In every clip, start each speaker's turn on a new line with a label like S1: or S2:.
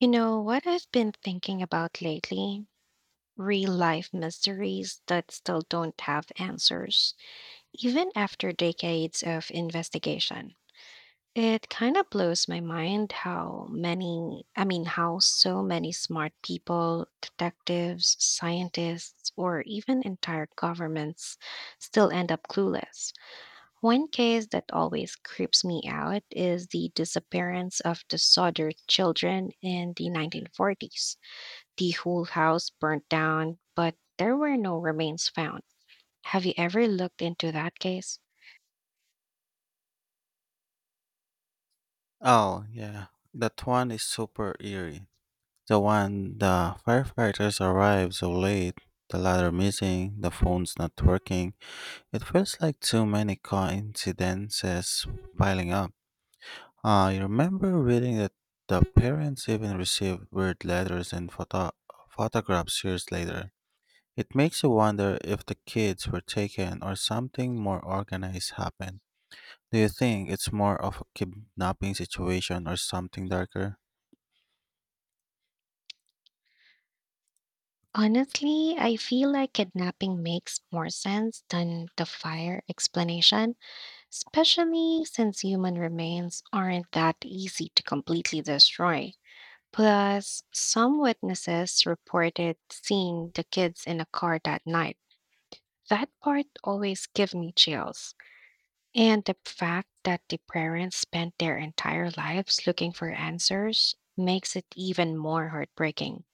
S1: You know what I've been thinking about lately? Real life mysteries that still don't have answers, even after decades of investigation. It kind of blows my mind how so many smart people, detectives, scientists, or even entire governments still end up clueless. One case that always creeps me out is the disappearance of the Sodder children in the 1940s. The whole house burnt down, but there were no remains found. Have you ever looked into that case?
S2: Oh, yeah. That one is super eerie. The one the firefighters arrive so late, the ladder missing, the phone's not working. It feels like too many coincidences piling up. I remember reading that the parents even received weird letters and photographs years later. It makes you wonder if the kids were taken or something more organized happened. Do you think it's more of a kidnapping situation or something darker?
S1: Honestly, I feel like kidnapping makes more sense than the fire explanation, especially since human remains aren't that easy to completely destroy. Plus, some witnesses reported seeing the kids in a car that night. That part always gives me chills. And the fact that the parents spent their entire lives looking for answers makes it even more heartbreaking.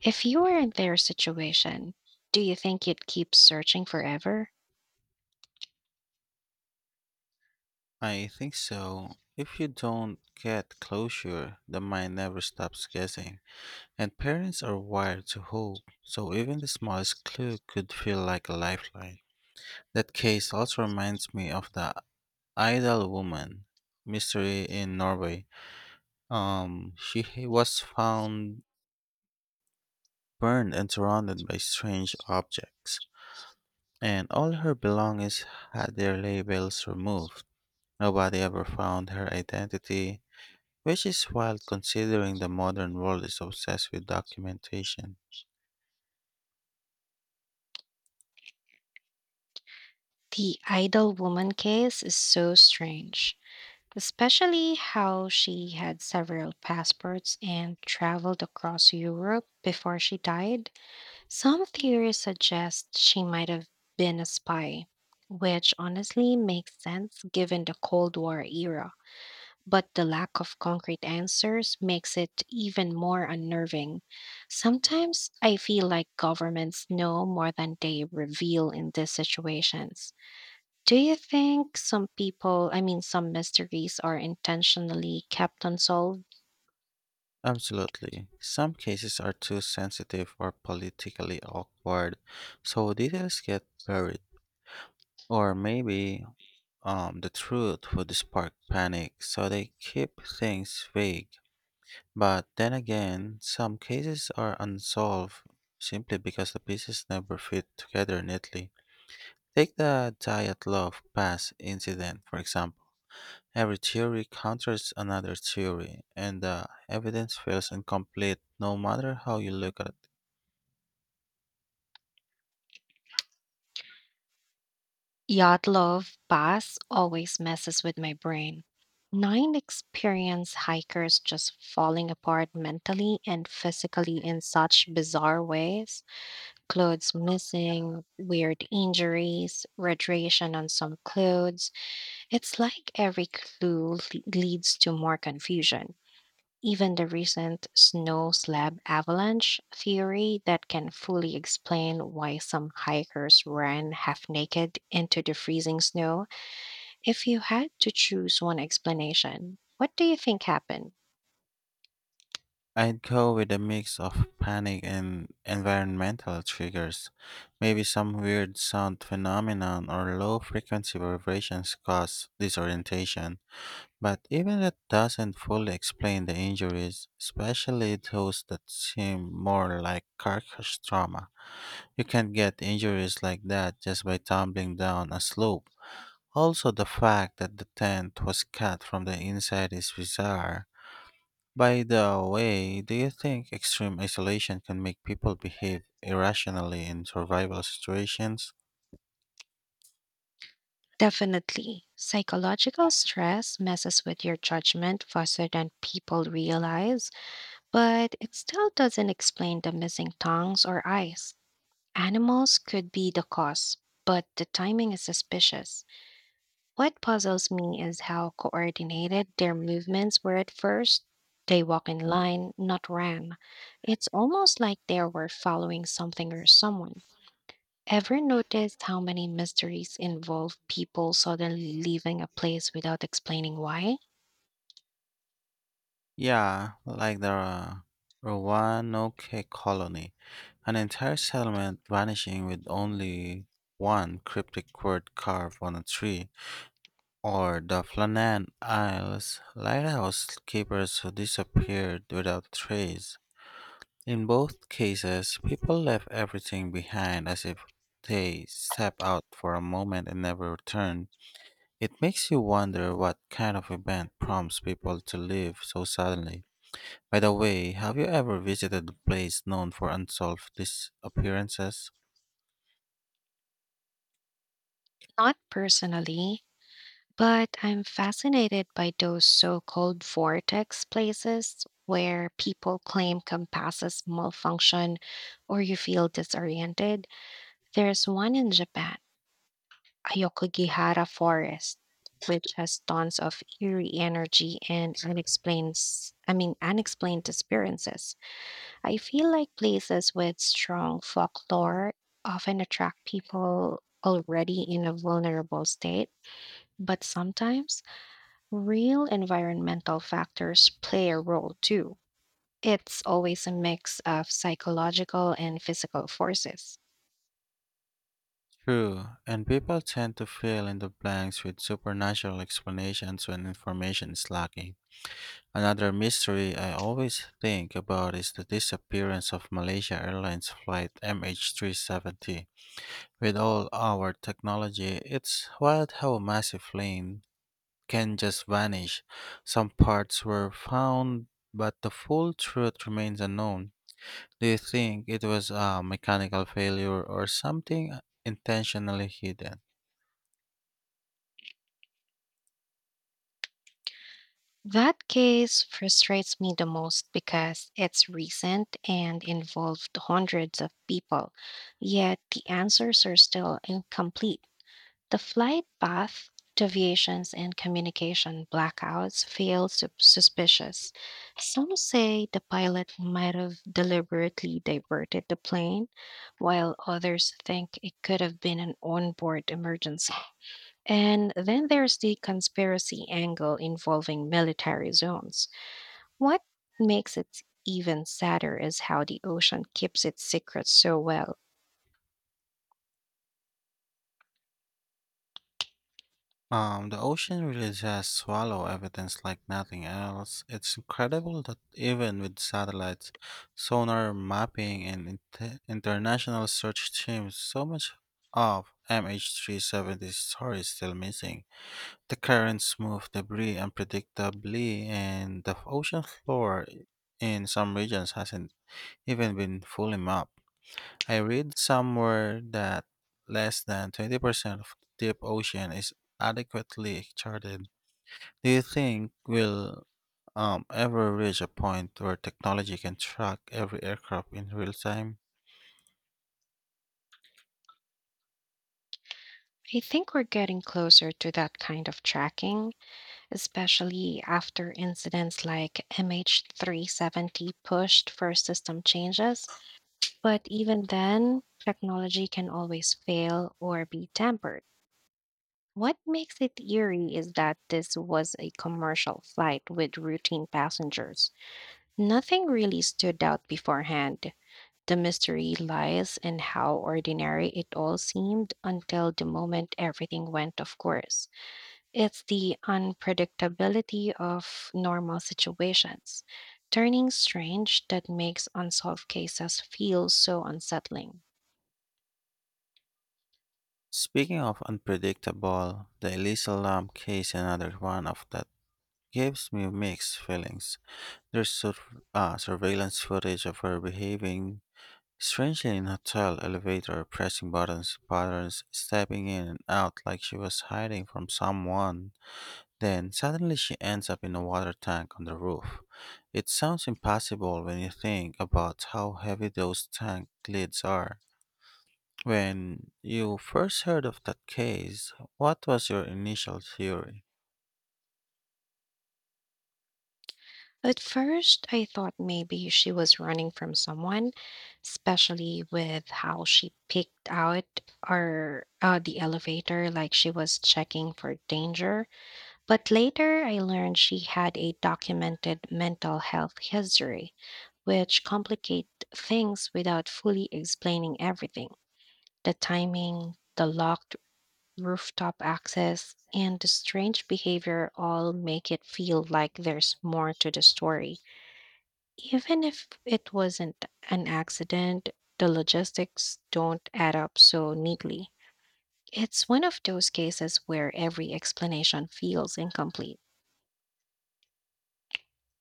S1: If you were in their situation, do you think you'd keep searching forever?
S2: I think so. If you don't get closure, the mind never stops guessing. And parents are wired to hope, so even the smallest clue could feel like a lifeline. That case also reminds me of the idle woman mystery in Norway. She was found burned and surrounded by strange objects, and all her belongings had their labels removed. Nobody ever found her identity, which is wild considering the modern world is obsessed with documentation.
S1: The idle woman case is so strange, especially how she had several passports and traveled across Europe before she died. Some theories suggest she might have been a spy, which honestly makes sense given the Cold War era. But the lack of concrete answers makes it even more unnerving. Sometimes I feel like governments know more than they reveal in these situations. Do you think some people, I mean, some mysteries are intentionally kept unsolved?
S2: Absolutely. Some cases are too sensitive or politically awkward, so details get buried. Or maybe the truth would spark panic, so they keep things vague. But then again, some cases are unsolved simply because the pieces never fit together neatly. Take the Diet Love Pass incident, for example. Every theory counters another theory, and the evidence feels incomplete no matter how you look at it.
S1: Yacht love Pass always messes with my brain. Nine experienced hikers just falling apart mentally and physically in such bizarre ways. Clothes missing, weird injuries, radiation on some clothes. It's like every leads to more confusion. Even the recent snow slab avalanche theory that can fully explain why some hikers ran half naked into the freezing snow, if you had to choose one explanation, what do you think happened?
S2: I'd go with a mix of panic and environmental triggers. Maybe some weird sound phenomenon or low frequency vibrations cause disorientation. But even that doesn't fully explain the injuries, especially those that seem more like carcass trauma. You can't get injuries like that just by tumbling down a slope. Also, the fact that the tent was cut from the inside is bizarre. By the way, do you think extreme isolation can make people behave irrationally in survival situations?
S1: Definitely. Psychological stress messes with your judgment faster than people realize, but it still doesn't explain the missing tongues or eyes. Animals could be the cause, but the timing is suspicious. What puzzles me is how coordinated their movements were at first. They walk in line, not ran. It's almost like they were following something or someone. Ever noticed how many mysteries involve people suddenly leaving a place without explaining why?
S2: Yeah, like the Roanoke colony, an entire settlement vanishing with only one cryptic word carved on a tree, or the Flannan Isles lighthouse keepers who disappeared without trace. In both cases, people left everything behind as if they stepped out for a moment and never returned. It makes you wonder what kind of event prompts people to leave so suddenly. By the way, have you ever visited a place known for unsolved disappearances?
S1: Not personally, but I'm fascinated by those so called vortex places where people claim compasses malfunction or you feel disoriented. There's one in Japan, Ayokogihara Forest. Which has tons of eerie energy and unexplained disappearances. I feel like places with strong folklore often attract people already in a vulnerable state, but sometimes real environmental factors play a role too. It's always a mix of psychological and physical forces.
S2: True, and people tend to fill in the blanks with supernatural explanations when information is lacking. Another mystery I always think about is the disappearance of Malaysia Airlines flight MH370. With all our technology, it's wild how a massive plane can just vanish. Some parts were found, but the full truth remains unknown. Do you think it was a mechanical failure or something intentionally hidden?
S1: That case frustrates me the most because it's recent and involved hundreds of people, yet the answers are still incomplete. The flight path deviations and communication blackouts suspicious. Some say the pilot might have deliberately diverted the plane, while others think it could have been an onboard emergency. And then there's the conspiracy angle involving military zones. What makes it even sadder is how the ocean keeps its secrets so well.
S2: The ocean really does swallow evidence like nothing else. It's incredible that even with satellites, sonar mapping, and international search teams, so much of MH370's story is still missing. The currents move debris unpredictably, and the ocean floor in some regions hasn't even been fully mapped. I read somewhere that less than 20% of the deep ocean is adequately charted. Do you think we'll ever reach a point where technology can track every aircraft in real time?
S1: I think we're getting closer to that kind of tracking, especially after incidents like MH370 pushed for system changes. But even then, technology can always fail or be tampered. What makes it eerie is that this was a commercial flight with routine passengers. Nothing really stood out beforehand. The mystery lies in how ordinary it all seemed until the moment everything went of course. It's the unpredictability of normal situations, turning strange that makes unsolved cases feel so unsettling.
S2: Speaking of unpredictable, the Elisa Lam case is another one of that gives me mixed feelings. There's surveillance footage of her behaving strangely in hotel elevator, pressing buttons, patterns, stepping in and out like she was hiding from someone. Then suddenly she ends up in a water tank on the roof. It sounds impossible when you think about how heavy those tank lids are. When you first heard of that case, what was your initial theory?
S1: At first, I thought maybe she was running from someone, especially with how she picked out or the elevator like she was checking for danger. But later I learned she had a documented mental health history, which complicate things without fully explaining everything. The timing, the locked rooftop access, and the strange behavior all make it feel like there's more to the story. Even if it wasn't an accident, the logistics don't add up so neatly. It's one of those cases where every explanation feels incomplete.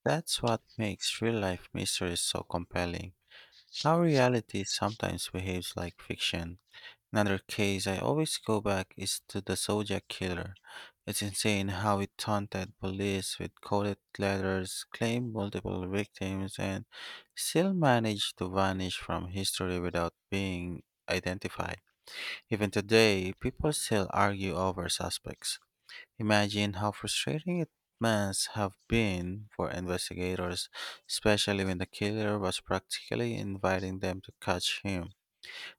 S2: That's what makes real life mysteries so compelling. How reality sometimes behaves like fiction. Another case I always go back is to the Zodiac Killer. It's insane how it taunted police with coded letters, claimed multiple victims, and still managed to vanish from history without being identified. Even today, people still argue over suspects. Imagine how frustrating it must have been for investigators, especially when the killer was practically inviting them to catch him.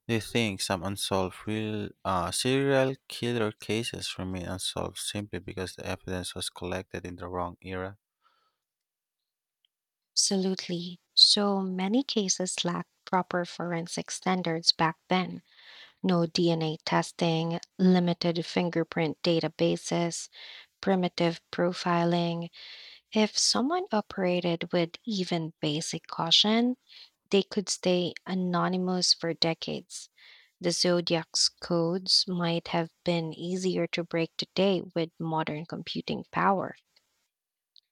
S2: Do you think some unsolved real serial killer cases remain unsolved simply because the evidence was collected in the wrong era?
S1: Absolutely. So many cases lacked proper forensic standards back then. No DNA testing, limited fingerprint databases, primitive profiling. If someone operated with even basic caution, they could stay anonymous for decades. The Zodiac's codes might have been easier to break today with modern computing power.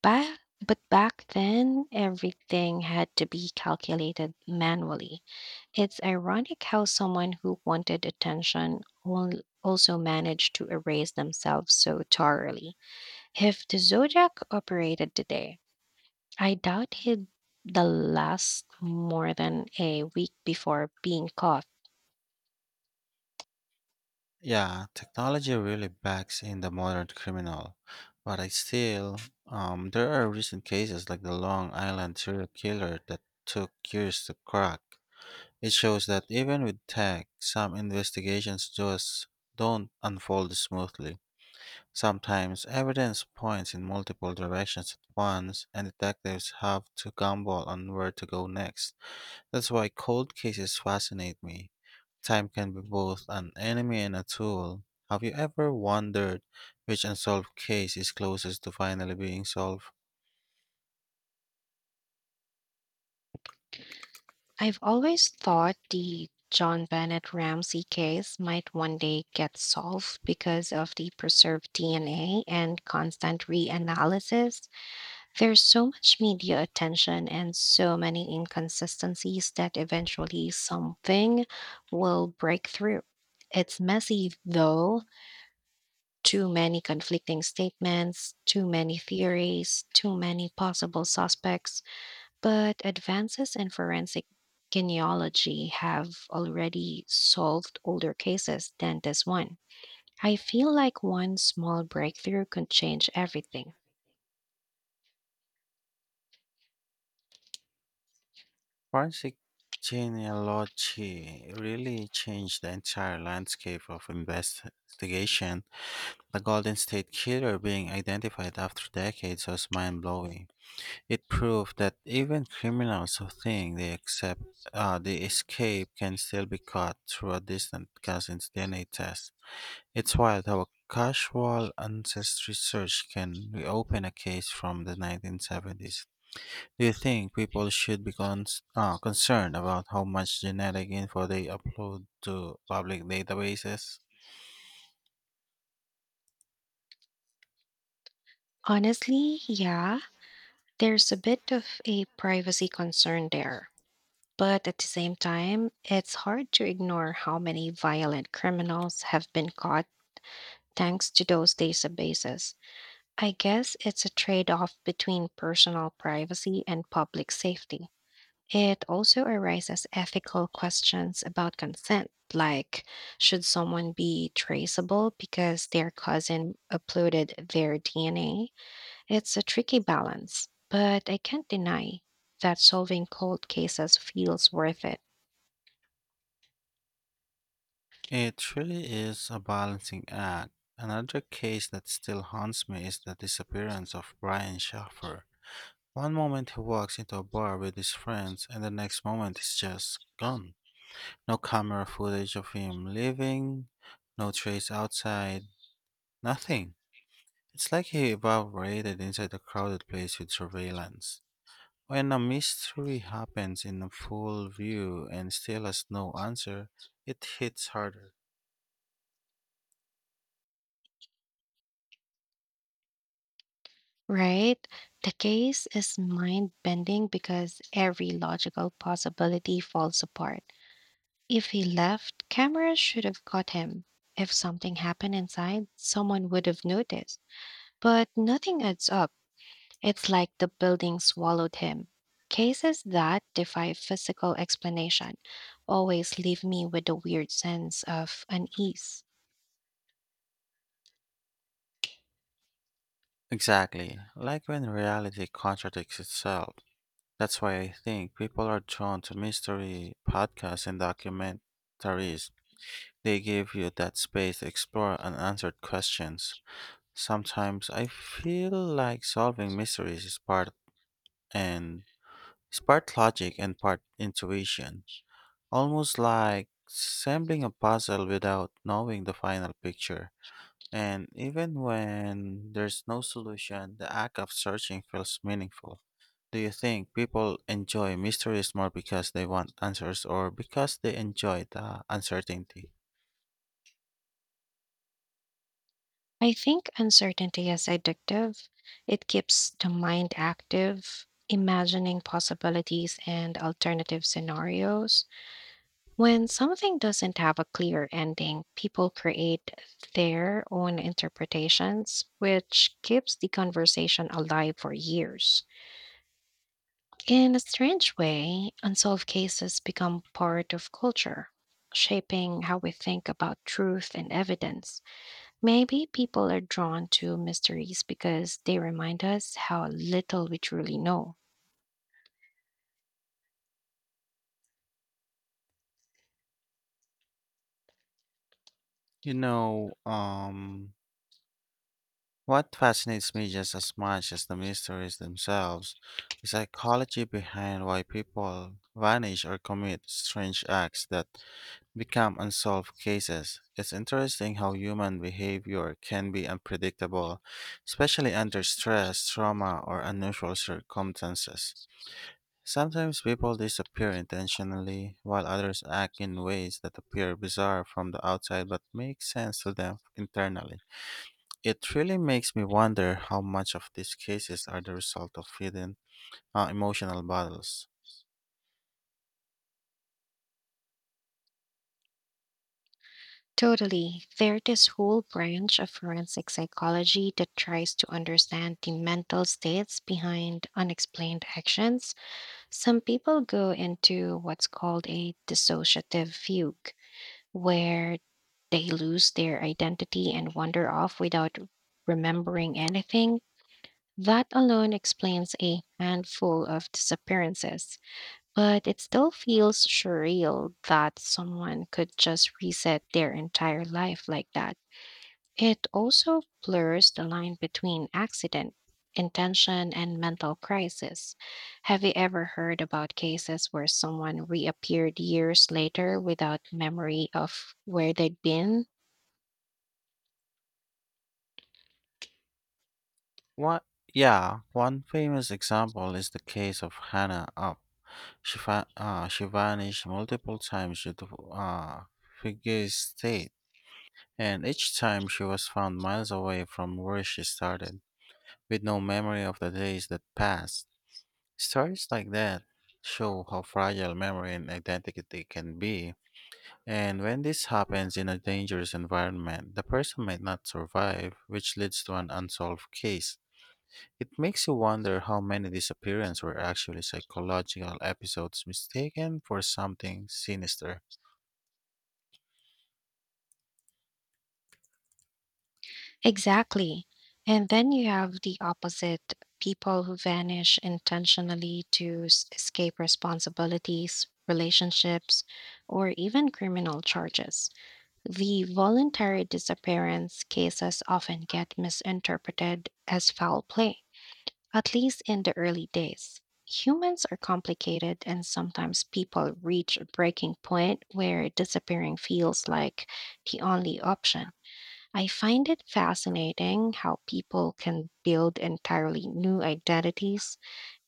S1: Ba but back then, everything had to be calculated manually. It's ironic how someone who wanted attention also managed to erase themselves so thoroughly. If the Zodiac operated today, I doubt he'd the last more than a week before being caught.
S2: Yeah, technology really backs in the modern criminal, but I still there are recent cases like the Long Island serial killer that took years to crack. It shows that even with tech, some investigations just don't unfold smoothly. Sometimes evidence points in multiple directions at once, and detectives have to gamble on where to go next. That's why cold cases fascinate me. Time can be both an enemy and a tool. Have you ever wondered which unsolved case is closest to finally being solved?
S1: I've always thought the John Bennett Ramsey case might one day get solved because of the preserved DNA and constant reanalysis. There's so much media attention and so many inconsistencies that eventually something will break through. It's messy though, too many conflicting statements, too many theories, too many possible suspects. But advances in forensic genealogy have already solved older cases than this one. I feel like one small breakthrough could change everything.
S2: Forensic genealogy really changed the entire landscape of investigation. The Golden State Killer being identified after decades was mind blowing. It proved that even criminals who think they escape can still be caught through a distant cousin's DNA test. It's wild how a casual ancestry search can reopen a case from the 1970s. Do you think people should be concerned about how much genetic info they upload to public databases?
S1: Honestly, yeah, there's a bit of a privacy concern there. But at the same time, it's hard to ignore how many violent criminals have been caught thanks to those databases. I guess it's a trade off between personal privacy and public safety. It also arises ethical questions about consent, like should someone be traceable because their cousin uploaded their DNA? It's a tricky balance, but I can't deny that solving cold cases feels worth it,
S2: It really is a balancing act. Another case that still haunts me is the disappearance of Brian Schaffer. One moment he walks into a bar with his friends, and the next moment he's just gone. No camera footage of him leaving, no trace outside, nothing. It's like he evaporated inside a crowded place with surveillance. When a mystery happens in full view and still has no answer, it hits harder.
S1: right? The case is mind bending because every logical possibility falls apart. If he left, cameras should have caught him. If something happened inside, someone would have noticed. But nothing adds up. It's like the building swallowed him. Cases that defy physical explanation always leave me with a weird sense of unease.
S2: Exactly, like when reality contradicts itself. That's why I think people are drawn to mystery podcasts and documentaries. They give you that space to explore unanswered questions. Sometimes I feel like solving mysteries is part and is part logic and part intuition. Almost like assembling a puzzle without knowing the final picture. And even when there's no solution, the act of searching feels meaningful. Do you think people enjoy mysteries more because they want answers or because they enjoy the uncertainty?
S1: I think uncertainty is addictive. It keeps the mind active, imagining possibilities and alternative scenarios. When something doesn't have a clear ending, people create their own interpretations, which keeps the conversation alive for years. In a strange way, unsolved cases become part of culture, shaping how we think about truth and evidence. Maybe people are drawn to mysteries because they remind us how little we truly know.
S2: You know, um, What fascinates me just as much as the mysteries themselves is psychology behind why people vanish or commit strange acts that become unsolved cases. It's interesting how human behavior can be unpredictable, especially under stress, trauma, or unusual circumstances. Sometimes people disappear intentionally, while others act in ways that appear bizarre from the outside but make sense to them internally. It really makes me wonder how much of these cases are the result of hidden emotional battles.
S1: Totally. There's this whole branch of forensic psychology that tries to understand the mental states behind unexplained actions. Some people go into what's called a dissociative fugue, where they lose their identity and wander off without remembering anything. That alone explains a handful of disappearances, but it still feels surreal that someone could just reset their entire life like that. It also blurs the line between accident, intention, and mental crisis. Have you ever heard about cases where someone reappeared years later without memory of where they'd been?
S2: What? Yeah, one famous example is the case of Hannah Up. She vanished multiple times due to uh, figure state, and each time she was found miles away from where she started, with no memory of the days that passed. Stories like that show how fragile memory and identity can be. And when this happens in a dangerous environment, the person might not survive, which leads to an unsolved case. It makes you wonder how many disappearances were actually psychological episodes mistaken for something sinister.
S1: Exactly. And then you have the opposite people who vanish intentionally escape responsibilities, relationships, or even criminal charges. The voluntary disappearance cases often get misinterpreted as foul play, at least in the early days. Humans are complicated, and sometimes people reach a breaking point where disappearing feels like the only option. I find it fascinating how people can build entirely new identities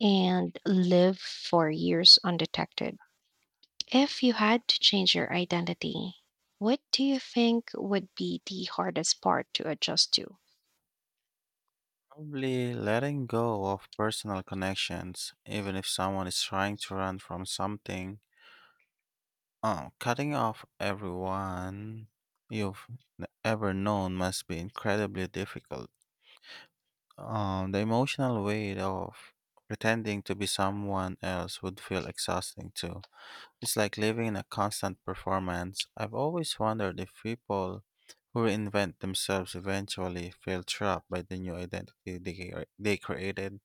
S1: and live for years undetected. If you had to change your identity, what do you think would be the hardest part to adjust to?
S2: Probably letting go of personal connections, even if someone is trying to run from something. Oh, cutting off everyone you've ever known must be incredibly difficult. The emotional weight of pretending to be someone else would feel exhausting too. It's like living in a constant performance. I've always wondered if people who reinvent themselves eventually feel trapped by the new identity they created.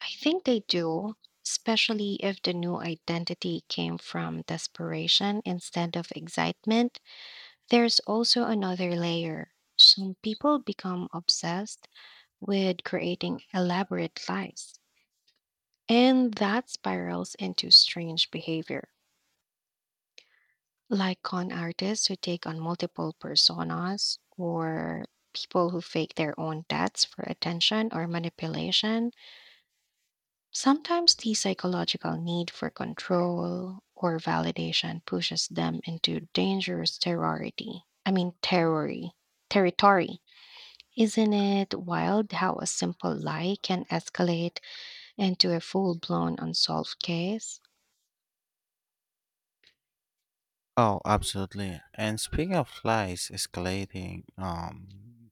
S1: I think they do, especially if the new identity came from desperation instead of excitement. There's also another layer. Some people become obsessed with creating elaborate lies. And that spirals into strange behavior, like con artists who take on multiple personas or people who fake their own deaths for attention or manipulation. Sometimes the psychological need for control or validation pushes them into dangerous terrority. I mean, terrory, territory. Isn't it wild how a simple lie can escalate into a full blown unsolved case?
S2: Oh, absolutely. And speaking of lies escalating,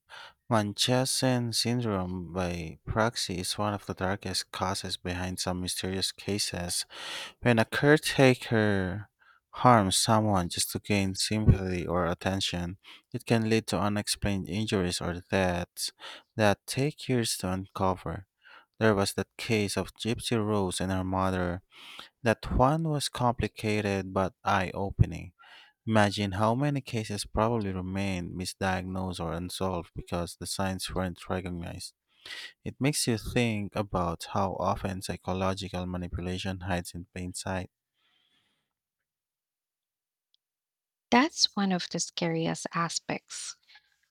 S2: Munchausen syndrome by proxy is one of the darkest causes behind some mysterious cases. When a caretaker harms someone just to gain sympathy or attention, it can lead to unexplained injuries or deaths that take years to uncover. There was that case of Gypsy Rose and her mother. That one was complicated but eye opening. Imagine how many cases probably remained misdiagnosed or unsolved because the signs weren't recognized. It makes you think about how often psychological manipulation hides in plain sight.
S1: That's one of the scariest aspects.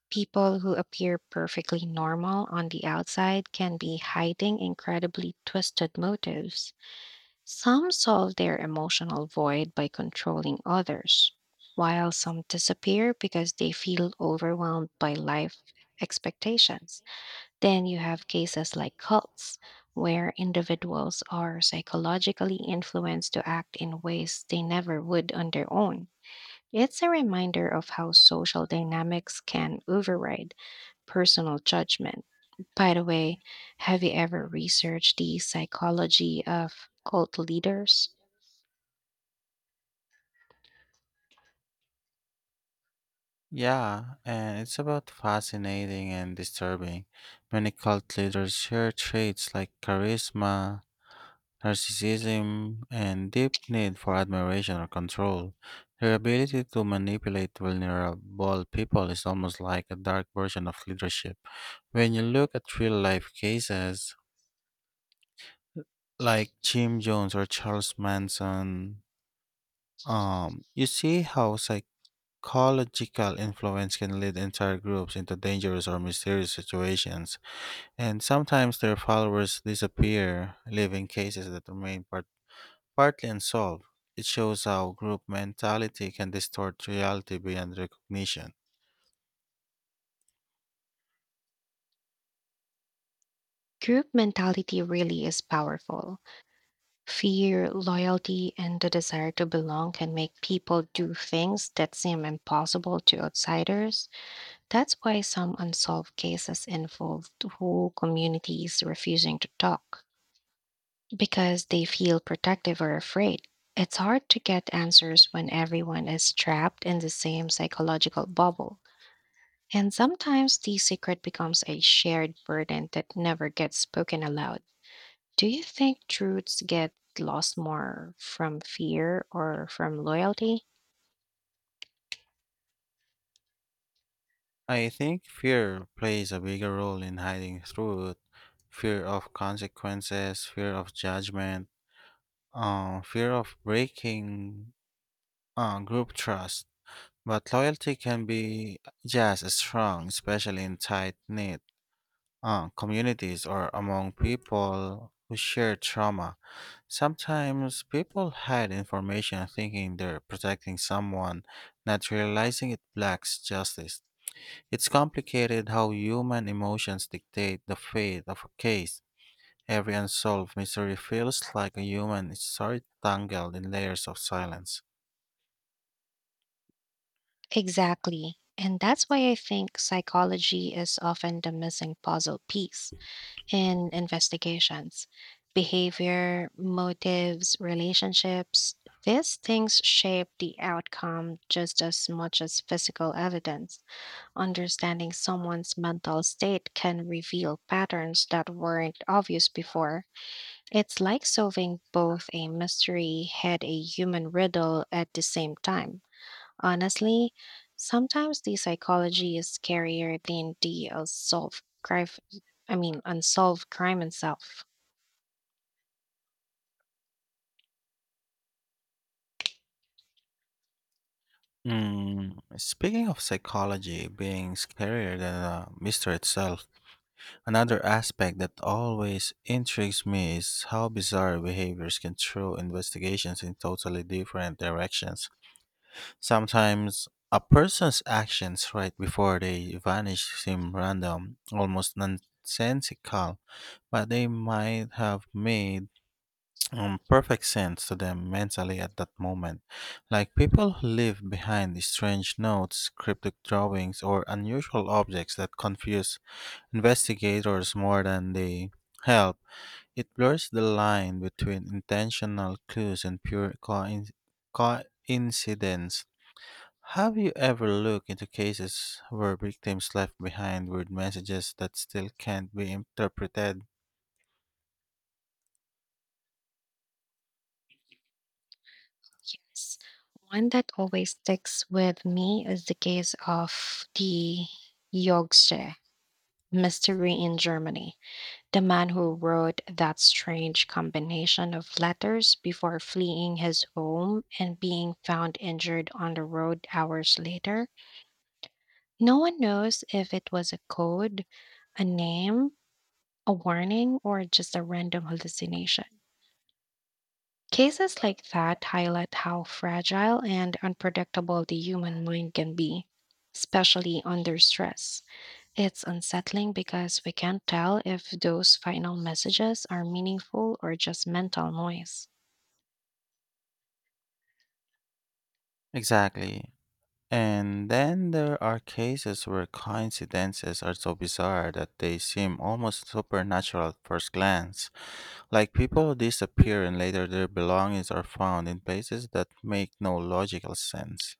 S1: People who appear perfectly normal on the outside can be hiding incredibly twisted motives. Some solve their emotional void by controlling others, while some disappear because they feel overwhelmed by life expectations. Then you have cases like cults, where individuals are psychologically influenced to act in ways they never would on their own. It's a reminder of how social dynamics can override personal judgment. By the way, have you ever researched the psychology of cult leaders?
S2: Yeah, and it's about fascinating and disturbing. Many cult leaders share traits like charisma, narcissism, and deep need for admiration or control. Their ability to manipulate vulnerable people is almost like a dark version of leadership. When you look at real life cases, like Jim Jones or Charles Manson, you see how psych ecological influence can lead entire groups into dangerous or mysterious situations, and sometimes their followers disappear, leaving cases that remain partly unsolved. It shows how group mentality can distort reality beyond recognition.
S1: Group mentality really is powerful. Fear, loyalty, and the desire to belong can make people do things that seem impossible to outsiders. That's why some unsolved cases involved whole communities refusing to talk because they feel protective or afraid. It's hard to get answers when everyone is trapped in the same psychological bubble. And sometimes the secret becomes a shared burden that never gets spoken aloud. Do you think truths get lost more from fear or from loyalty?
S2: I think fear plays a bigger role in hiding truth. Fear of consequences, fear of judgment, fear of breaking group trust. But loyalty can be just as strong, especially in tight knit communities or among people who share trauma. Sometimes people hide information thinking they're protecting someone, not realizing it blocks justice. It's complicated how human emotions dictate the fate of a case. Every unsolved mystery feels like a human story tangled in layers of silence.
S1: Exactly. And that's why I think psychology is often the missing puzzle piece in investigations. Behavior, motives, relationships, these things shape the outcome just as much as physical evidence. Understanding someone's mental state can reveal patterns that weren't obvious before. It's like solving both a mystery and a human riddle at the same time. Honestly, sometimes the psychology is scarier than the unsolved crime itself.
S2: Mm, speaking of psychology being scarier than the mystery itself, another aspect that always intrigues me is how bizarre behaviors can throw investigations in totally different directions. Sometimes a person's actions right before they vanish seem random, almost nonsensical, but they might have made perfect sense to them mentally at that moment. Like people who leave behind strange notes, cryptic drawings, or unusual objects that confuse investigators more than they help. It blurs the line between intentional clues and pure coincidence. Have you ever looked into cases where victims left behind word messages that still can't be interpreted?
S1: Yes. One that always sticks with me is the case of the Yorkshire mystery in Germany. The man who wrote that strange combination of letters before fleeing his home and being found injured on the road hours later. No one knows if it was a code, a name, a warning or just a random hallucination. Cases like that highlight how fragile and unpredictable the human mind can be, especially under stress. It's unsettling because we can't tell if those final messages are meaningful or just mental noise.
S2: Exactly. And then there are cases where coincidences are so bizarre that they seem almost supernatural at first glance. Like people who disappear and later their belongings are found in places that make no logical sense.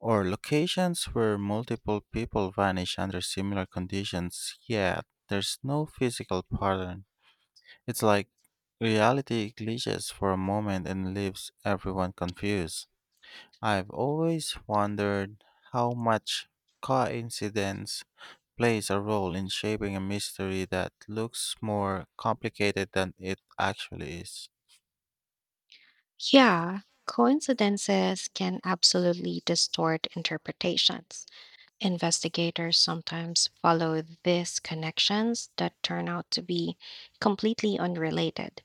S2: Or locations where multiple people vanish under similar conditions, yet there's no physical pattern. It's like reality glitches for a moment and leaves everyone confused. I've always wondered how much coincidence plays a role in shaping a mystery that looks more complicated than it actually is.
S1: Yeah, coincidences can absolutely distort interpretations. Investigators sometimes follow these connections that turn out to be completely unrelated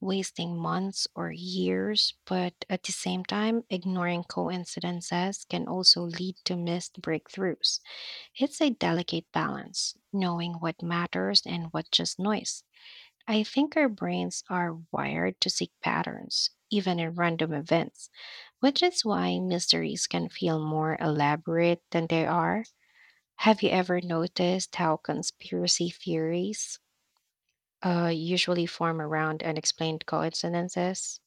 S1: wasting months or years, but at the same time, ignoring coincidences can also lead to missed breakthroughs. It's a delicate balance, knowing what matters and what just noise. I think our brains are wired to seek patterns, even in random events, which is why mysteries can feel more elaborate than they are. Have you ever noticed how conspiracy theories usually form around unexplained coincidences?